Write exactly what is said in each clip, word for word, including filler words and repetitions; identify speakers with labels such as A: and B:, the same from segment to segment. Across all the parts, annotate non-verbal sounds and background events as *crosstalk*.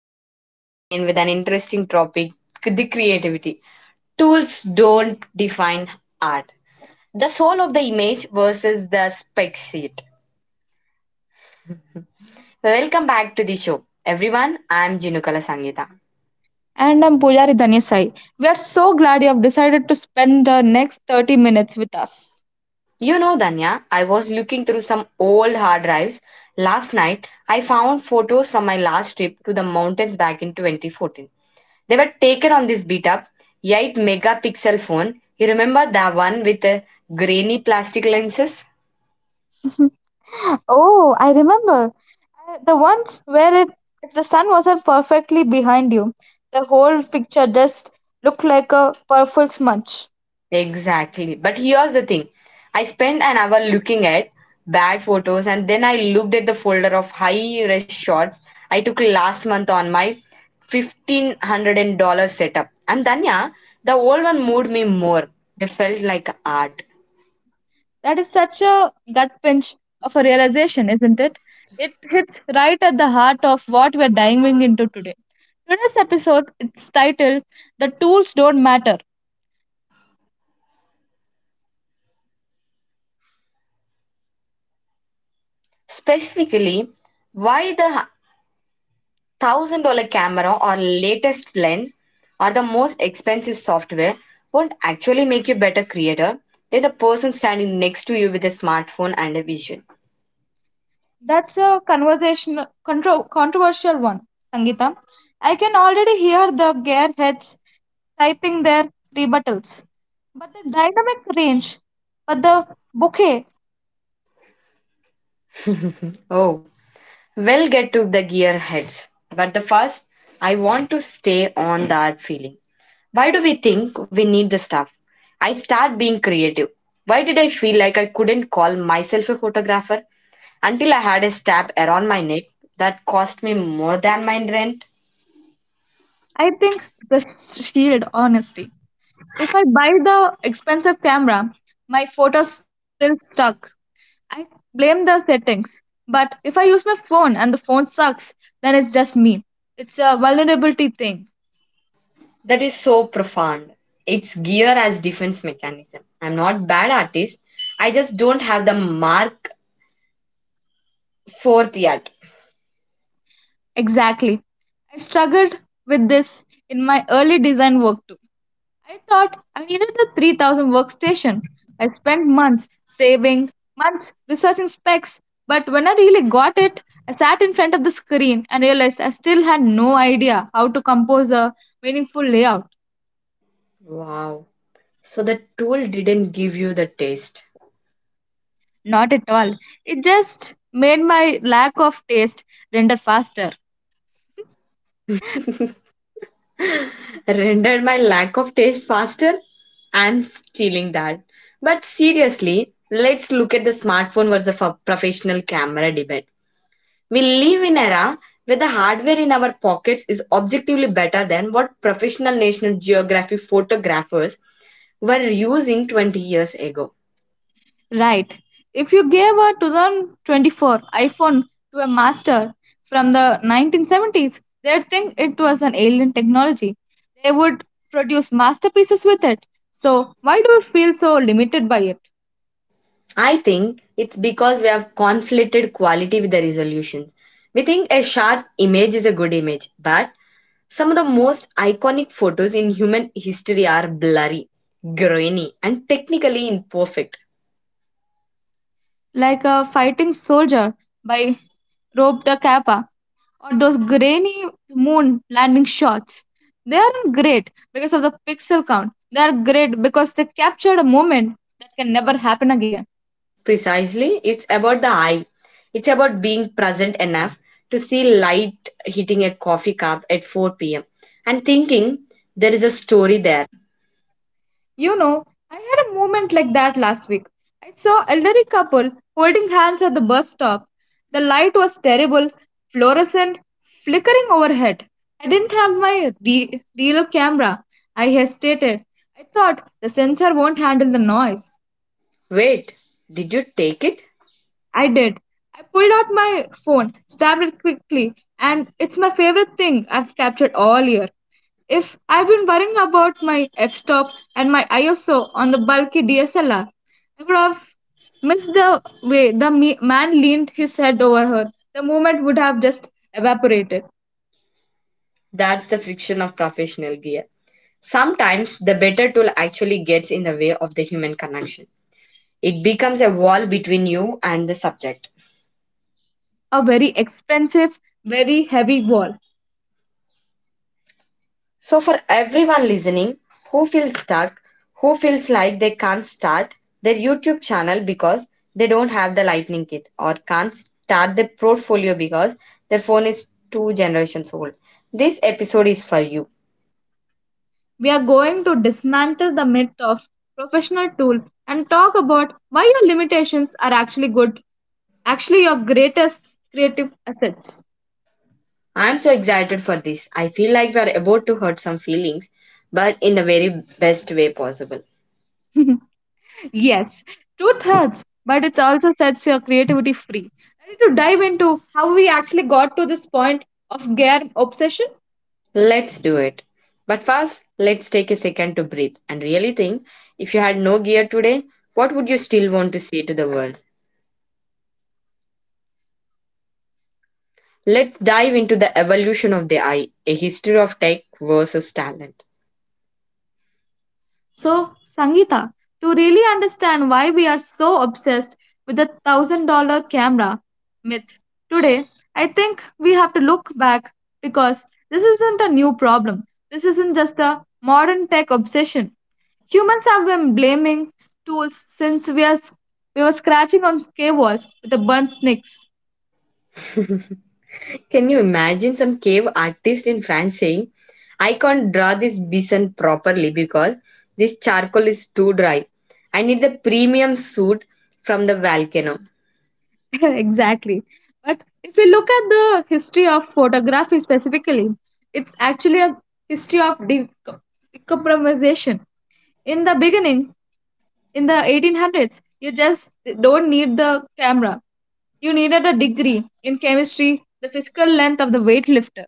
A: are back again with an interesting topic, the creativity. Tools don't define art. The soul of the image versus the spec sheet. Welcome back to the show, everyone. I'm Jinukala Sangita.
B: And I'm Pujari Dhanasai. We are so glad you have decided to spend the next thirty minutes with us.
A: You know, Danya, I was looking through some old hard drives last night. I found photos from my last trip to the mountains back in twenty fourteen. They were taken on this beat up eight megapixel phone. You remember the one with the grainy plastic lenses?
B: *laughs* Oh, I remember. Uh, The ones where it, if the sun wasn't perfectly behind you, the whole picture just looked like a purple smudge.
A: Exactly. But here's the thing, I spent an hour looking at bad photos and then I looked at the folder of high res shots I took last month on my fifteen hundred dollars setup. And Danya, the old one moved me more. They felt like art.
B: That is such a gut pinch of a realization, isn't it? It hits right at the heart of what we're diving into today. Today's episode, it's titled The Tools Don't Matter.
A: Specifically, why the thousand dollar camera or latest lens or the most expensive software won't actually make you better creator than the person standing next to you with a smartphone and a vision.
B: That's a conversational, contro- controversial one, Sangita. I can already hear the gearheads typing their rebuttals. But the dynamic range, but the bouquet.
A: Oh, we'll get to the gear heads. But the first, I want to stay on that feeling. Why do we think we need the stuff? I start being creative. Why did I feel like I couldn't call myself a photographer until I had a strap around my neck that cost me more than my rent?
B: I think the shield, honesty. If I buy the expensive camera, my photo's still stuck. I blame the settings. But if I use my phone and the phone sucks, then it's just me. It's a vulnerability thing.
A: That is so profound. It's gear as defense mechanism. I'm not bad artist. I just don't have the mark fourth yet.
B: Exactly. I struggled with this in my early design work too. I thought I needed the three thousand workstation. I spent months saving, months researching specs, but when I really got it, I sat in front of the screen and realized I still had no idea how to compose a meaningful layout.
A: Wow. So the tool didn't give you the taste.
B: Not at all. It just made my lack of taste render faster.
A: *laughs* Rendered my lack of taste faster? I'm stealing that. But seriously, let's look at the smartphone versus a professional camera debate. We live in an era where the hardware in our pockets is objectively better than what professional National Geographic photographers were using twenty years ago.
B: Right. If you gave a twenty twenty-four iPhone to a master from the nineteen seventies, they'd think it was an alien technology. They would produce masterpieces with it. So, why do you feel so limited by it?
A: I think it's because we have conflated quality with the resolutions. We think a sharp image is a good image, but some of the most iconic photos in human history are blurry, grainy, and technically imperfect.
B: Like a fighting soldier by Rob da Kappa or those grainy moon landing shots. They aren't great because of the pixel count. They are great because they captured a moment that can never happen again.
A: Precisely, it's about the eye. It's about being present enough to see light hitting a coffee cup at four p m and thinking there is a story there.
B: You know, I had a moment like that last week. I saw elderly couple holding hands at the bus stop. The light was terrible, fluorescent, flickering overhead. I didn't have my re- real camera. I hesitated. I thought the sensor won't handle the noise.
A: Wait, did you take it?
B: I did. I pulled out my phone, stabbed it quickly, and it's my favorite thing I've captured all year. If I've been worrying about my f stop and my I S O on the bulky D S L R, I would have missed the way the me- man leaned his head over her. The moment would have just evaporated.
A: That's the friction of professional gear. Sometimes the better tool actually gets in the way of the human connection. It becomes a wall between you and the subject.
B: A very expensive, very heavy wall.
A: So, for everyone listening who feels stuck, who feels like they can't start their YouTube channel because they don't have the lightning kit or can't start their portfolio because their phone is two generations old, this episode is for you.
B: We are going to dismantle the myth of professional tool and talk about why your limitations are actually good actually your greatest creative assets.
A: I'm so excited for this. I feel like we're about to hurt some feelings, but in the very best way possible.
B: Yes, truth hurts, but it also sets your creativity free. I need to dive into how we actually got to this point of gear obsession.
A: Let's do it. But first, let's take a second to breathe and really think, if you had no gear today, what would you still want to say to the world? Let's dive into the evolution of the eye, a history of tech versus talent.
B: So, Sangita, to really understand why we are so obsessed with the one thousand dollar camera myth today, I think we have to look back because this isn't a new problem. This isn't just a modern tech obsession. Humans have been blaming tools since we, are, we were scratching on cave walls with a burnt snakes.
A: *laughs* Can you imagine some cave artist in France saying, I can't draw this bison properly because this charcoal is too dry. I need the premium suit from the volcano.
B: *laughs* Exactly. But if you look at the history of photography specifically, it's actually a history of decom- decompromisation. In the beginning, in the eighteen hundreds, you just don't need the camera. You needed a degree in chemistry, the physical length of the weightlifter.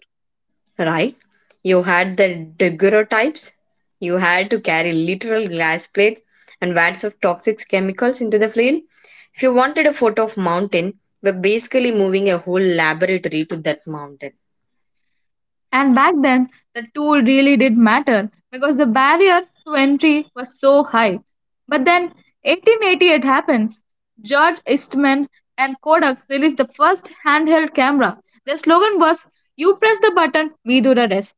A: Right? You had the daguerreotypes. You had to carry literal glass plates and vats of toxic chemicals into the field. If you wanted a photo of mountain, we're basically moving a whole laboratory to that mountain.
B: And back then, the tool really did matter because the barrier to entry was so high. But then, eighteen eighty-eight happens. George Eastman and Kodak released the first handheld camera. Their slogan was, you press the button, we do the rest.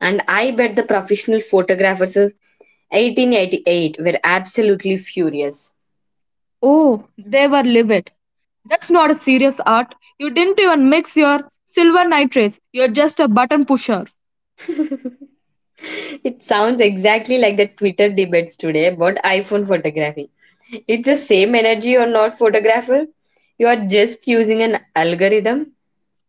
A: And I bet the professional photographers of eighteen eighty-eight were absolutely furious.
B: Oh, they were livid. That's not a serious art. You didn't even mix your silver nitrates. You're just a button pusher.
A: It sounds exactly like the Twitter debates today about iPhone photography. It's the same energy or not photographer. You are just using an algorithm.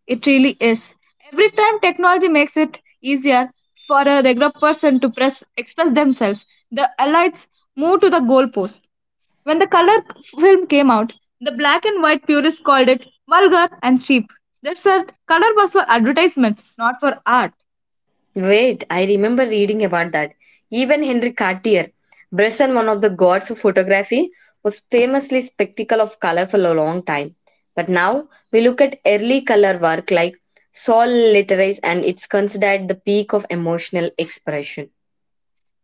B: It really is. Every time technology makes it easier for a regular person to press, express themselves, the elites move to the goalpost. When the color film came out, the black and white purists called it vulgar and cheap. They said color was for advertisements, not for art.
A: Wait, I remember reading about that. Even Henry Cartier, Bresson, one of the gods of photography, was famously spectacle of color for a long time. But now we look at early color work like Sol Literaries and it's considered the peak of emotional expression.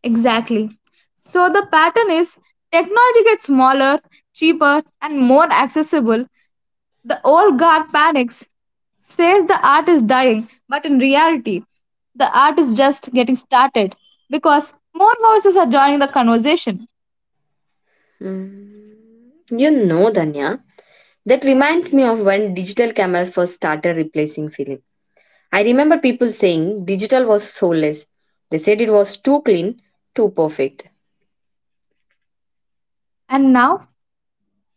B: Exactly. So the pattern is technology gets smaller, cheaper, and more accessible. The old guard panics, says the art is dying, but in reality, the art is just getting started because more voices are joining the conversation.
A: Mm, you know, Danya, that reminds me of when digital cameras first started replacing film. I remember people saying digital was soulless. They said it was too clean, too perfect.
B: And now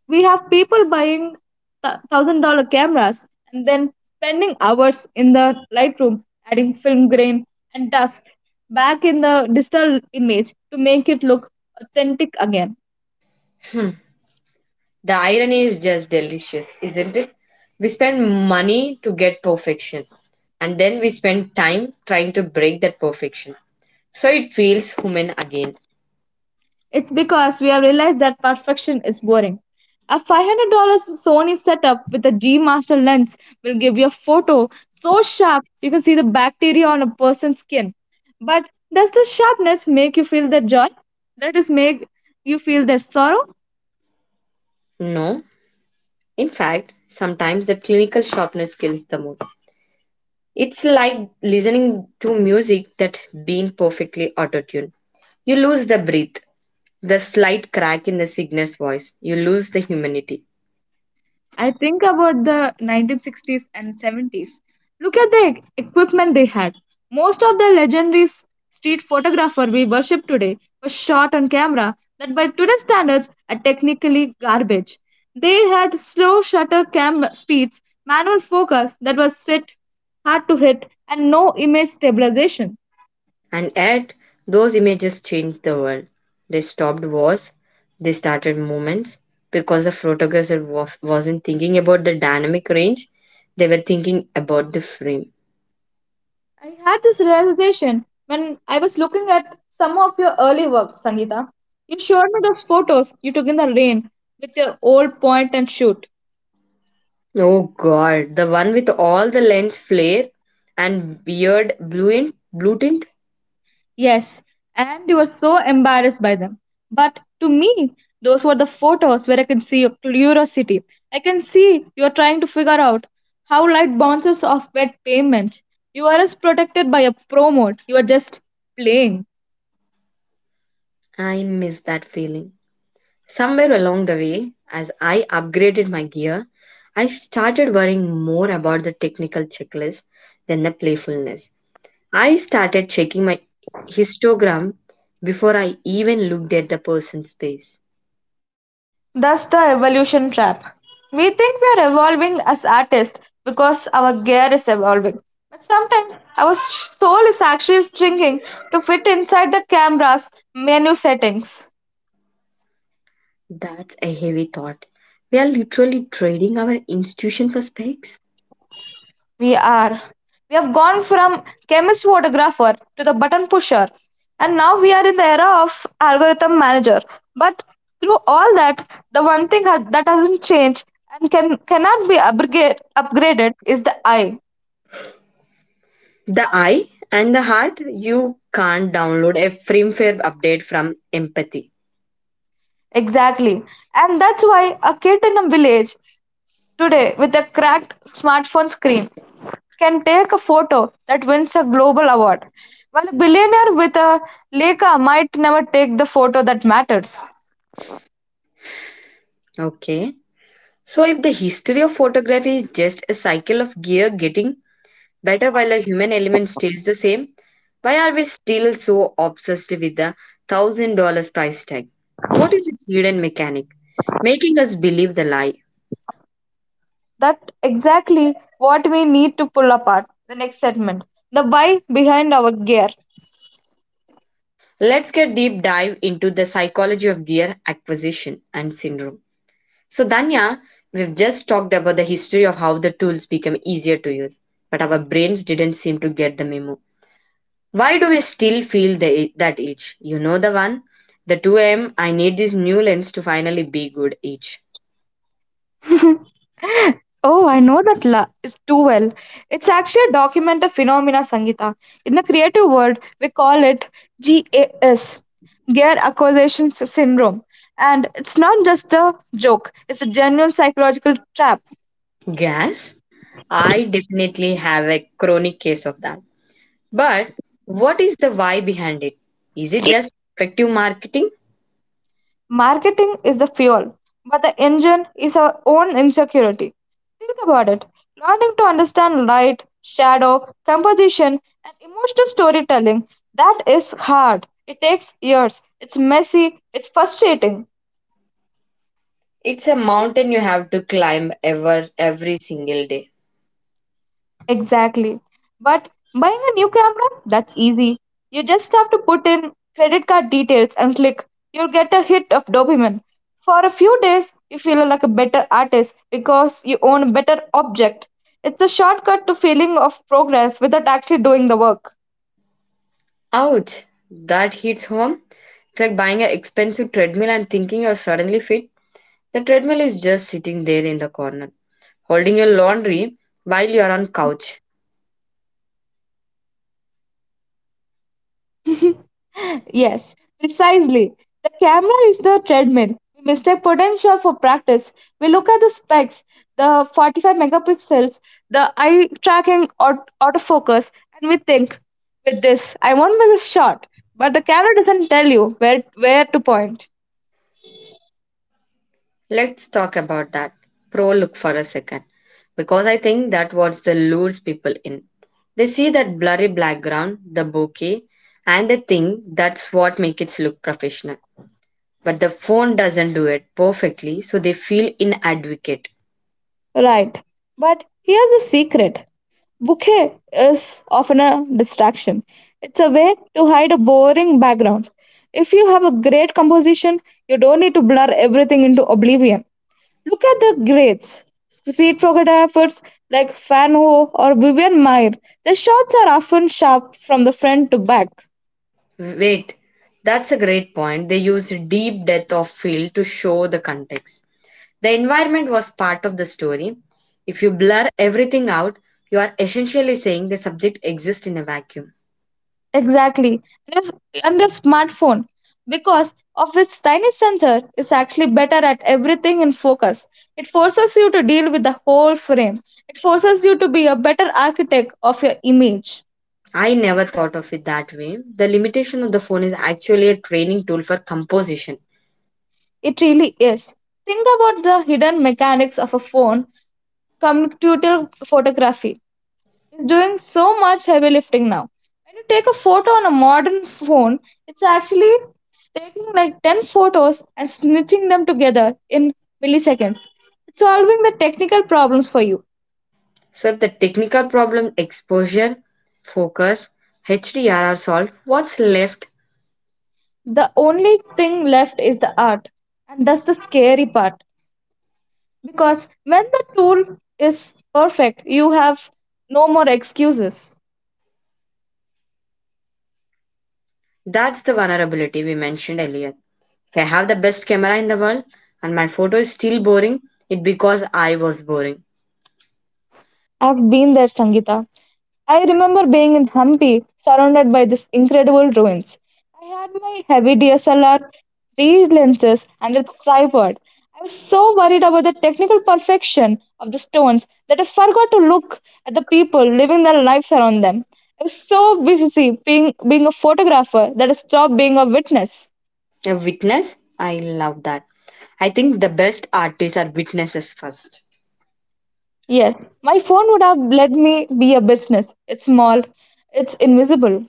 B: we have people buying th- one thousand dollar cameras and then spending hours in the Lightroom adding film grain and dust back in the digital image to make it look authentic again.
A: The irony is just delicious, isn't it? We spend money to get perfection, and then we spend time trying to break that perfection. So it feels human again.
B: It's because we have realized that perfection is boring. A five hundred dollar Sony setup with a G Master lens will give you a photo so sharp you can see the bacteria on a person's skin. But does the sharpness make you feel their joy? That is make you feel their sorrow?
A: No, in fact, sometimes the clinical sharpness kills the mood. It's like listening to music that been perfectly auto-tuned. You lose the breath, the slight crack in the singer's voice. You lose the humanity.
B: I think about the nineteen sixties and seventies. Look at the e-, equipment they had. Most of the legendary street photographer we worship today was shot on camera that by today's standards are technically garbage. They had slow shutter camera speeds, manual focus that was set hard to hit, and no image stabilization.
A: And yet, those images changed the world. They stopped wars, they started movements, because the photographer wa- wasn't thinking about the dynamic range, they were thinking about the frame.
B: I had this realization when I was looking at some of your early work, Sangeeta. You showed me the photos you took in the rain with your old point and shoot.
A: Oh god, the one with all the lens flare and weird blue, in- blue tint?
B: Yes, and you were so embarrassed by them. But to me, those were the photos where I can see your curiosity. I can see you are trying to figure out how light bounces off wet pavement. You aren't protected by a promote. You are just playing.
A: I miss that feeling. Somewhere along the way, as I upgraded my gear, I started worrying more about the technical checklist than the playfulness. I started checking my histogram before I even looked at the person's face.
B: That's the evolution trap. We think we are evolving as artists because our gear is evolving. But sometimes our soul is actually shrinking to fit inside the camera's menu settings.
A: That's a heavy thought. We are literally trading our institution for specs.
B: We are. We have gone from chemist photographer to the button pusher. And now we are in the era of algorithm manager. But through all that, the one thing ha- that hasn't changed and can, cannot be upgrade, upgraded is the eye.
A: The eye and the heart, you can't download a firmware update from empathy.
B: Exactly. And that's why a kid in a village today with a cracked smartphone screen can take a photo that wins a global award, while a billionaire with a Leica might never take the photo that matters.
A: Okay. So, if the history of photography is just a cycle of gear getting better while the human element stays the same? Why are we still so obsessed with the thousand dollars price tag? What is its hidden mechanic making us believe the lie?
B: That exactly what we need to pull apart. The next segment the why behind our gear.
A: Let's get deep dive into the psychology of gear acquisition and syndrome. So, Danya, we've just talked about the history of how the tools become easier to use, but our brains didn't seem to get the memo. Why do we still feel the, that itch? You know the one? The two a m need this new lens to finally be good itch.
B: *laughs* Oh, I know that la- is too well. It's actually a documented phenomena, Sangita. In the creative world, we call it GAS, Gear Acquisition Sy- Syndrome. And it's not just a joke, it's a genuine psychological trap.
A: Gas? I definitely have a chronic case of that. But what is the why behind it? Is it just effective marketing?
B: Marketing is the fuel, but the engine is our own insecurity. Think about it. Learning to understand light, shadow, composition, and emotional storytelling that is hard. It takes years. It's messy. It's frustrating.
A: It's a mountain you have to climb ever every single day.
B: Exactly. But buying a new camera, that's easy. You just have to put in credit card details and click. You'll get a hit of dopamine. For a few days, you feel like a better artist because you own a better object. It's a shortcut to feeling of progress without actually doing the work.
A: Ouch. That hits home. It's like buying an expensive treadmill and thinking you're suddenly fit. The treadmill is just sitting there in the corner, holding your laundry while you're on couch.
B: *laughs* Yes, precisely. The camera is the treadmill. We mistake potential for practice. We look at the specs, the forty-five megapixels, the eye tracking aut- autofocus, and we think, with this, I want miss this shot. But the camera doesn't tell you where where to point.
A: Let's talk about that pro look for a second because I think that what the lures people in. They see that blurry background, the bouquet, and they think that's what makes it look professional. But the phone doesn't do it perfectly, so they feel inadequate.
B: Right. But here's the secret. Bokeh is often a distraction. It's a way to hide a boring background. If you have a great composition, you don't need to blur everything into oblivion. Look at the greats. Street photographers like Fan Ho or Vivian Meyer. Their shots are often sharp from the front to back.
A: Wait, that's a great point. They use deep depth of field to show the context. The environment was part of the story. If you blur everything out, you are essentially saying the subject exists in a vacuum.
B: Exactly. And if- and the smartphone, because of its tiny sensor, is actually better at everything in focus. It forces you to deal with the whole frame. It forces you to be a better architect of your image.
A: I never thought of it that way. The limitation of the phone is actually a training tool for composition.
B: It really is. Think about the hidden mechanics of a phone, computer photography. Is doing so much heavy lifting now. When you take a photo on a modern phone, it's actually taking like ten photos and snitching them together in milliseconds. It's solving the technical problems for you.
A: So, if the technical problem, exposure, focus, H D R are solved, what's left?
B: The only thing left is the art. And that's the scary part. Because when the tool is perfect, you have no more excuses.
A: That's the vulnerability we mentioned earlier. If I have the best camera in the world and my photo is still boring, it's because I was boring.
B: I've been there, Sangita. I remember being in Hampi, surrounded by these incredible ruins. I had my heavy D S L R, three lenses, and a tripod. I was so worried about the technical perfection of the stones that I forgot to look at the people living their lives around them. I was so busy being, being a photographer that I stopped being a witness.
A: A witness? I love that. I think the best artists are witnesses first.
B: Yes, my phone would have let me be a business. It's small, it's invisible.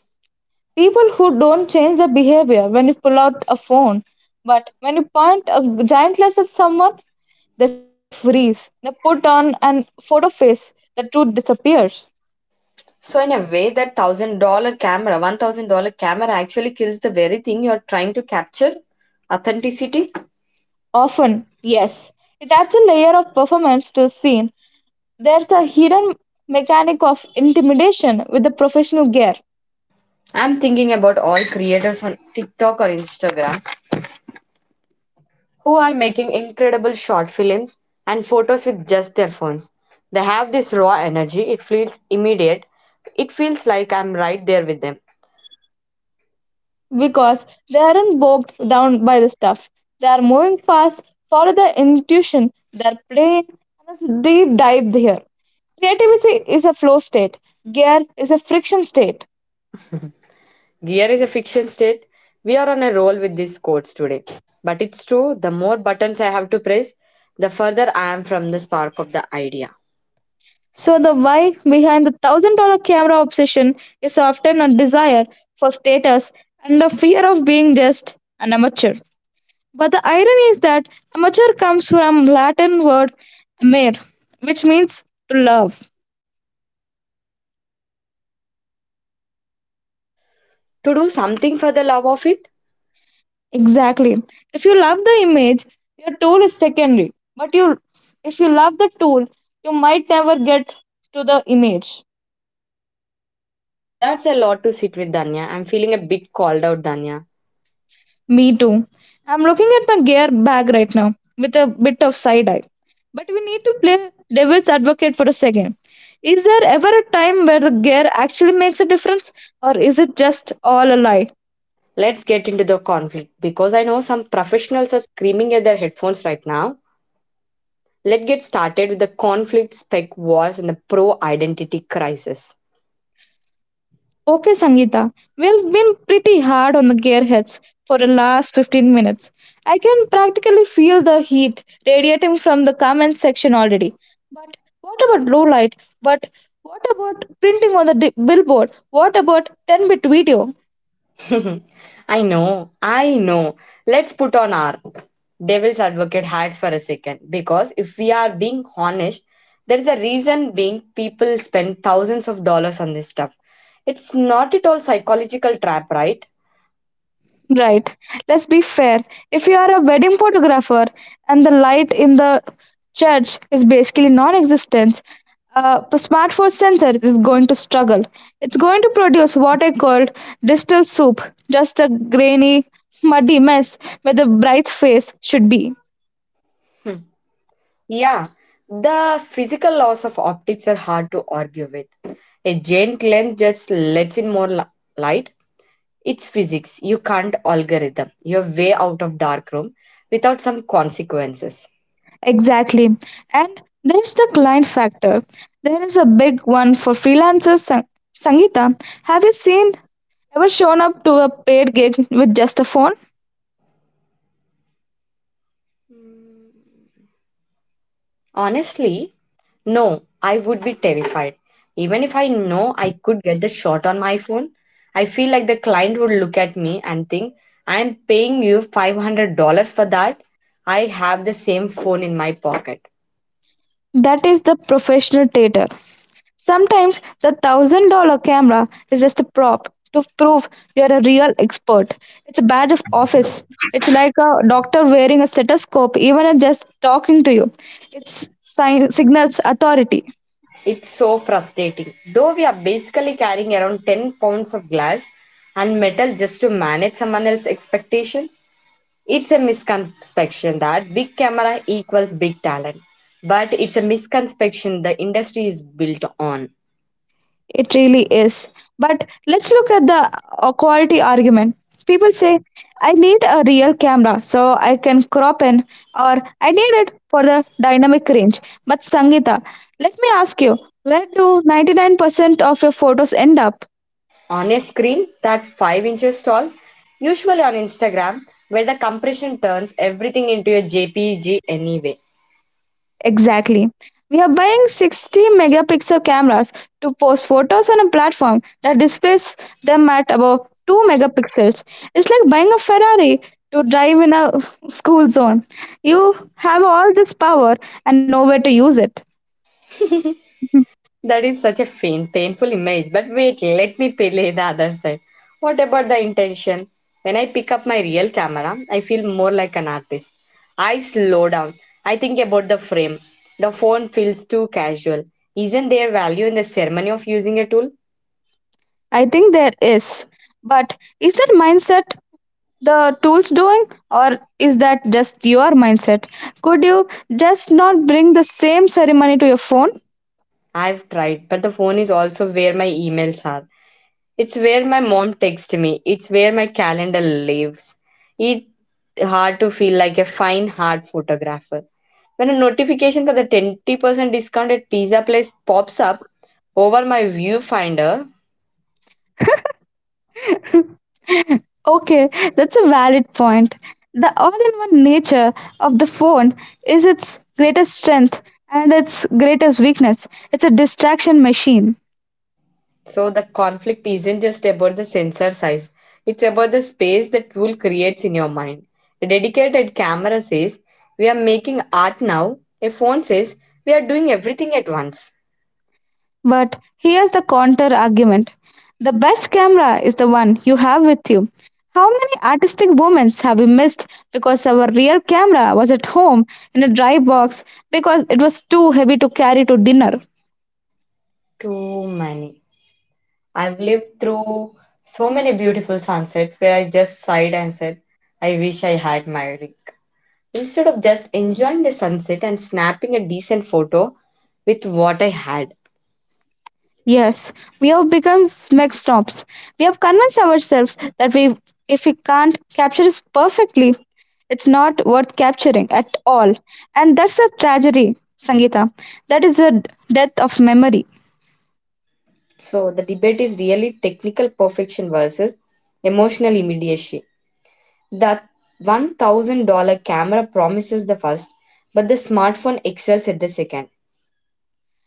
B: People who don't change their behavior when you pull out a phone, but when you point a giant lens at someone, they freeze. They put on an photo face. The truth disappears.
A: So in a way, that thousand dollar camera, one thousand dollar camera actually kills the very thing you're trying to capture, authenticity.
B: Often, yes, it adds a layer of performance to the scene. There's a hidden mechanic of intimidation with the professional gear.
A: I'm thinking about all creators on TikTok or Instagram who are making incredible short films and photos with just their phones. They have this raw energy. It feels immediate. It feels like I'm right there with them.
B: Because they aren't bogged down by the stuff. They are moving fast, follow their intuition, they're playing, and it's a deep dive here. Creativity is a flow state, gear is a friction state.
A: Gear is a fiction state. We are on a roll with these quotes today. But it's true, the more buttons I have to press, the further I am from the spark of the idea.
B: So, the why behind the thousand dollar camera obsession is often a desire for status and a fear of being just an amateur. But the irony is that amateur comes from Latin word amare, which means to love.
A: To do something for the love of it?
B: Exactly. If you love the image, your tool is secondary. But you If you love the tool, you might never get to the image.
A: That's a lot to sit with, Danya. I'm feeling a bit called out, Danya.
B: Me too. I'm looking at my gear bag right now with a bit of side eye. But we need to play devil's advocate for a second. Is there ever a time where the gear actually makes a difference, or is it just all a lie?
A: Let's get into the conflict because I know some professionals are screaming at their headphones right now. Let's get started with the conflict, spec wars, and the pro identity crisis.
B: Okay, Sangeeta, we've been pretty hard on the gearheads for the last fifteen minutes. I can practically feel the heat radiating from the comment section already. But what about low light? But What about printing on the di- billboard? What about ten bit video?
A: *laughs* I know, I know. Let's put on our devil's advocate hats for a second because if we are being honest, there is a reason being people spend thousands of dollars on this stuff. It's not at all psychological trap, right?
B: Right. Let's be fair. If you are a wedding photographer and the light in the church is basically non-existent, uh, a smartphone sensor is going to struggle. It's going to produce what I called distal soup, just a grainy, muddy mess where the bride's face should be.
A: Hmm. Yeah, the physical laws of optics are hard to argue with. A giant lens just lets in more li- light. It's physics. You can't algorithm. You're way out of dark room without some consequences.
B: Exactly. And there's the client factor. There is a big one for freelancers. Sang- Sangeeta, have you seen ever shown up to a paid gig with just a phone?
A: Honestly, no, I would be terrified. Even if I know I could get the shot on my phone, I feel like the client would look at me and think, I'm paying you five hundred dollars for that. I have the same phone in my pocket.
B: That is the professional tater. Sometimes the thousand dollar camera is just a prop to prove you're a real expert. It's a badge of office. It's like a doctor wearing a stethoscope, even at just talking to you. It sign- signals authority.
A: It's so frustrating. Though we are basically carrying around ten pounds of glass and metal just to manage someone else's expectations. It's a misconception that big camera equals big talent, but it's a misconception the industry is built on.
B: It really is. But let's look at the uh, quality argument. People say, I need a real camera so I can crop in, or I need it for the dynamic range. But Sangita, let me ask you, where do ninety-nine percent of your photos end up?
A: On a screen that five inches tall, usually on Instagram, where the compression turns everything into a J P G anyway.
B: Exactly. We are buying sixty megapixel cameras to post photos on a platform that displays them at about two megapixels. It's like buying a Ferrari to drive in a school zone. You have all this power and nowhere to use it. *laughs* Mhm.
A: That is such a faint, painful image. But wait, let me play the other side. What about the intention? When I pick up my real camera, I feel more like an artist. I slow down. I think about the frame. The phone feels too casual. Isn't there value in the ceremony of using a tool?
B: I think there is. But is that mindset the tools doing, or is that just your mindset? Could you just not bring the same ceremony to your phone?
A: I've tried, but the phone is also where my emails are. It's where my mom texts me. It's where my calendar lives. It's hard to feel like a fine hard photographer when a notification for the twenty percent discount at pizza place pops up over my viewfinder.
B: *laughs* Okay, that's a valid point. The all in one nature of the phone is its greatest strength and its greatest weakness. It's a distraction machine.
A: So the conflict isn't just about the sensor size. It's about the space the tool creates in your mind. A dedicated camera says, we are making art now. A phone says, we are doing everything at once.
B: But here's the counter argument, the best camera is the one you have with you. How many artistic moments have we missed because our real camera was at home in a dry box because it was too heavy to carry to dinner?
A: Too many. I've lived through so many beautiful sunsets where I just sighed and said, I wish I had my rig. Instead of just enjoying the sunset and snapping a decent photo with what I had.
B: Yes, we have become smegstops. We have convinced ourselves that we, If we can't capture it perfectly, it's not worth capturing at all. And that's a tragedy, Sangeeta. That is the death of memory.
A: So the debate is really technical perfection versus emotional immediacy. That one thousand dollar camera promises the first, but the smartphone excels at the second.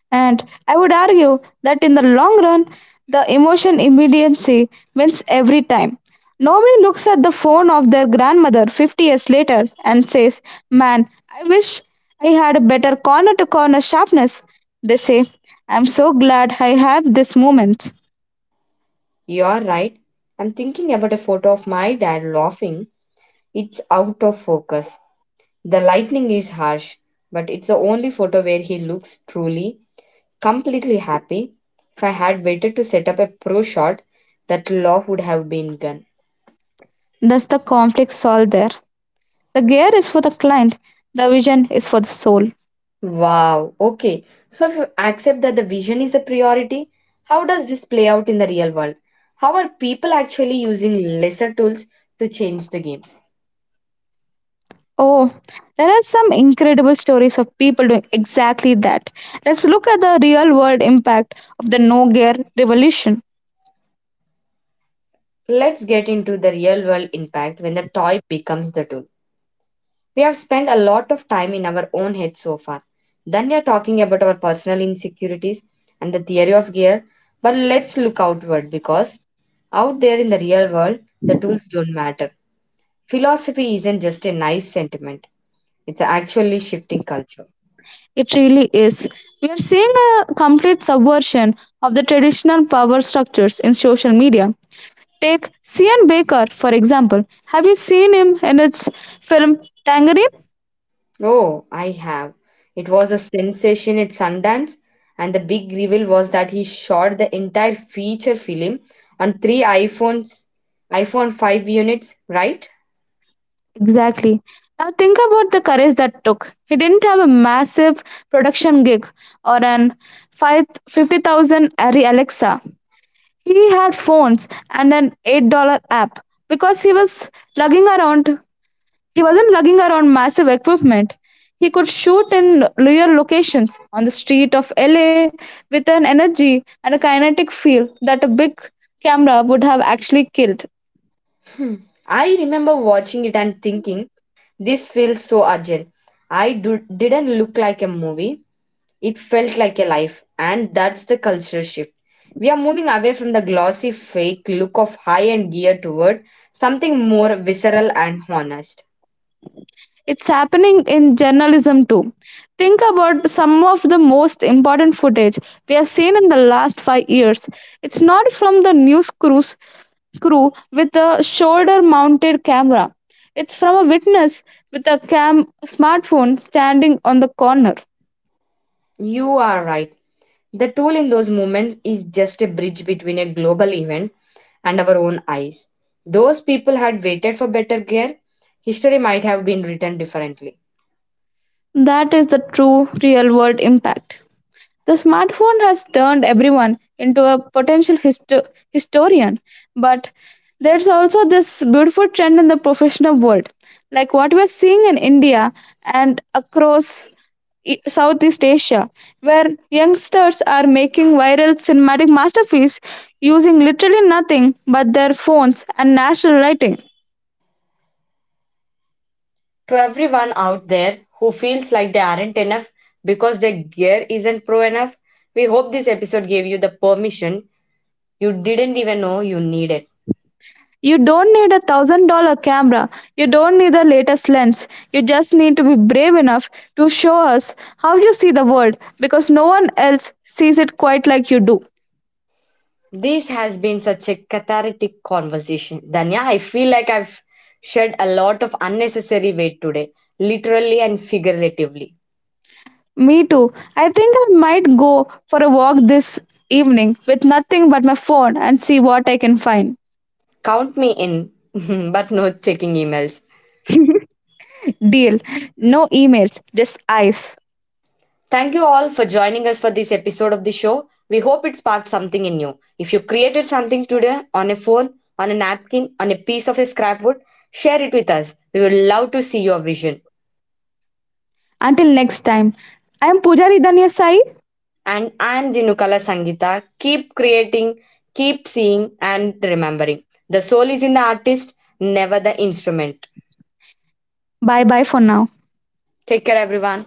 B: And I would argue that in the long run, the emotion immediacy wins every time. Nobody looks at the phone of their grandmother fifty years later and says, man, I wish I had a better corner to corner sharpness. They say, I'm so glad I have this moment.
A: You're right. I'm thinking about a photo of my dad laughing. It's out of focus. The lightning is harsh, but it's the only photo where he looks truly, completely happy. If I had waited to set up a pro shot, that laugh would have been gone.
B: Thus, the conflict solved there. The gear is for the client, the vision is for the soul.
A: Wow, okay. So if you accept that the vision is a priority, how does this play out in the real world? How are people actually using lesser tools to change the game?
B: Oh, there are some incredible stories of people doing exactly that. Let's look at the real world impact of the no gear revolution.
A: Let's get into the real world impact when the toy becomes the tool. We have spent a lot of time in our own heads so far. Then we are talking about our personal insecurities and the theory of gear. But let's look outward, because out there in the real world, the tools don't matter. Philosophy isn't just a nice sentiment, it's actually shifting culture.
B: It really is. We are seeing a complete subversion of the traditional power structures in social media. Take Cian Baker, for example. Have you seen him in his film Tangerine?
A: Oh, I have. It was a sensation at Sundance, and the big reveal was that he shot the entire feature film on three iPhones, iPhone five units, right?
B: Exactly. Now think about the courage that took. He didn't have a massive production gig or an five, fifty thousand Arri Alexa. He had phones and an eight dollar app because he was lugging around he wasn't lugging around massive equipment. He could shoot in real locations on the street of L A with an energy and a kinetic feel that a big camera would have actually killed.
A: Hmm. I remember watching it and thinking, this feels so urgent. I do, didn't look like a movie, it felt like a life, and that's the cultural shift. We are moving away from the glossy, fake look of high end gear toward something more visceral and honest.
B: It's happening in journalism too. Think about some of the most important footage we have seen in the last five years. It's not from the news crews crew with a shoulder mounted camera. It's from a witness with a cam smartphone standing on the corner.
A: You are right. The tool in those moments is just a bridge between a global event and our own eyes. Those people had waited for better gear, history might have been written differently.
B: That is the true real world impact. The smartphone has turned everyone into a potential histo- historian, but there's also this beautiful trend in the professional world, like what we're seeing in India and across E- Southeast Asia, where youngsters are making viral cinematic masterpieces using literally nothing but their phones and natural lighting.
A: To everyone out there who feels like they aren't enough because their gear isn't pro enough, we hope this episode gave you the permission you didn't even know you needed.
B: You don't need a thousand dollar camera, you don't need the latest lens, you just need to be brave enough to show us how you see the world because no one else sees it quite like you do.
A: This has been such a cathartic conversation. Danya, I feel like I've shed a lot of unnecessary weight today, literally and figuratively.
B: Me too. I think I might go for a walk this evening with nothing but my phone and see what I can find.
A: Count me in, *laughs* but no checking emails.
B: Deal. No emails, just eyes.
A: Thank you all for joining us for this episode of the show. We hope it sparked something in you. If you created something today on a phone, on a napkin, on a piece of a scrapwood, share it with us. We would love to see your vision.
B: Until next time, I am Pujari Danya Sai.
A: And I am Jinukala Sangita. Keep creating, keep seeing, and remembering. The soul is in the artist, never the instrument.
B: Bye bye for now.
A: Take care, everyone.